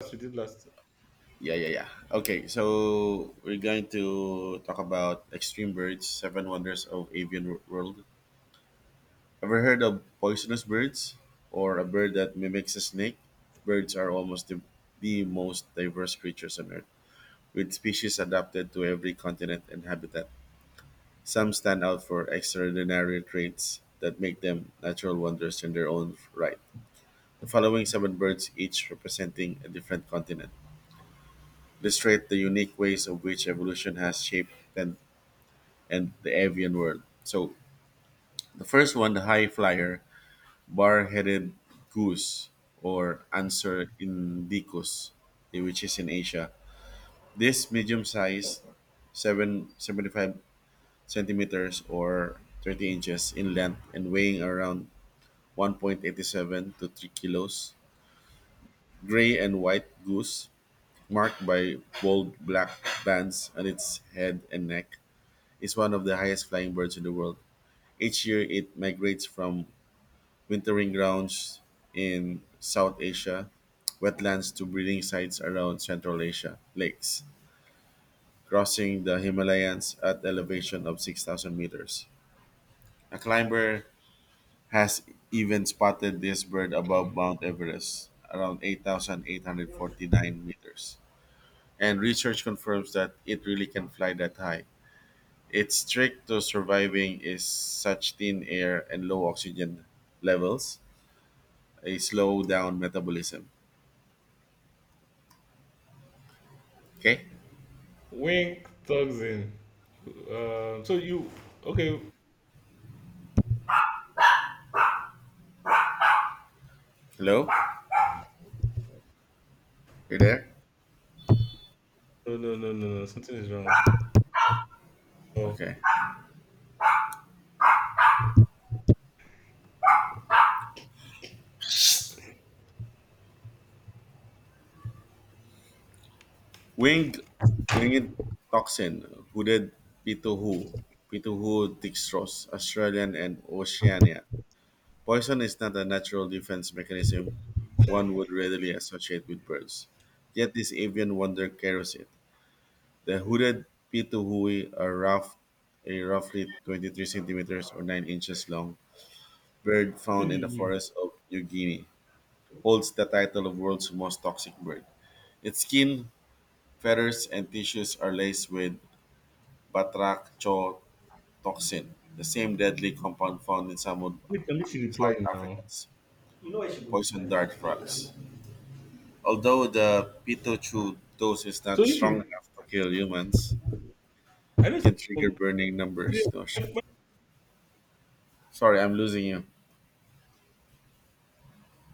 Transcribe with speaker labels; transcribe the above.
Speaker 1: She did last.
Speaker 2: Yeah, yeah, yeah. Okay, so we're going to talk about extreme birds, seven wonders of avian world. Ever heard of poisonous birds or a bird that mimics a snake? Birds are almost the most diverse creatures on Earth, with species adapted to every continent and habitat. Some stand out for extraordinary traits that make them natural wonders in their own right. The following seven birds, each representing a different continent, illustrate the unique ways of which evolution has shaped 10,000 and the avian world. So the first one, the high flyer, bar-headed goose or Anser indicus, which is in Asia. This medium-sized, 75 centimeters or 30 inches in length and weighing around 1.87 to 3 kilos. Gray and white goose, marked by bold black bands on its head and neck, is one of the highest flying birds in the world. Each year, it migrates from wintering grounds in South Asia, wetlands to breeding sites around Central Asia, lakes, crossing the Himalayas at elevation of 6,000 meters. A climber has even spotted this bird above Mount Everest, around 8,849 meters. And research confirms that it really can fly that high. Its trick to surviving is such thin air and low oxygen levels, a slow down metabolism. Okay?
Speaker 1: Wink thugs in. So you okay?
Speaker 2: Hello, you there?
Speaker 1: No, no, no, no, no. Something is wrong. Oh,
Speaker 2: Okay. Winged, winged toxin, hooded pituhu, pituhu dextrose, Australian and Oceania. Poison is not a natural defense mechanism one would readily associate with birds. Yet this avian wonder carries it. The
Speaker 1: something is
Speaker 2: hooded pituhui are rough, a roughly 23 centimeters or 9 inches long bird found in the
Speaker 1: wrong.
Speaker 2: forests of New Guinea, holds the title of world's most toxic bird. Its skin feathers and tissues are laced with batrachotoxin, the same deadly compound found in some of
Speaker 1: Wait, can she reply
Speaker 2: South
Speaker 1: now?
Speaker 2: Africa's poison dart frogs. Although the pitochu dose is
Speaker 1: So
Speaker 2: not
Speaker 1: if
Speaker 2: strong
Speaker 1: you,
Speaker 2: enough to kill humans,
Speaker 1: I
Speaker 2: it can trigger burning numbers. No, sh-
Speaker 1: don't.
Speaker 2: Sorry, I'm losing you.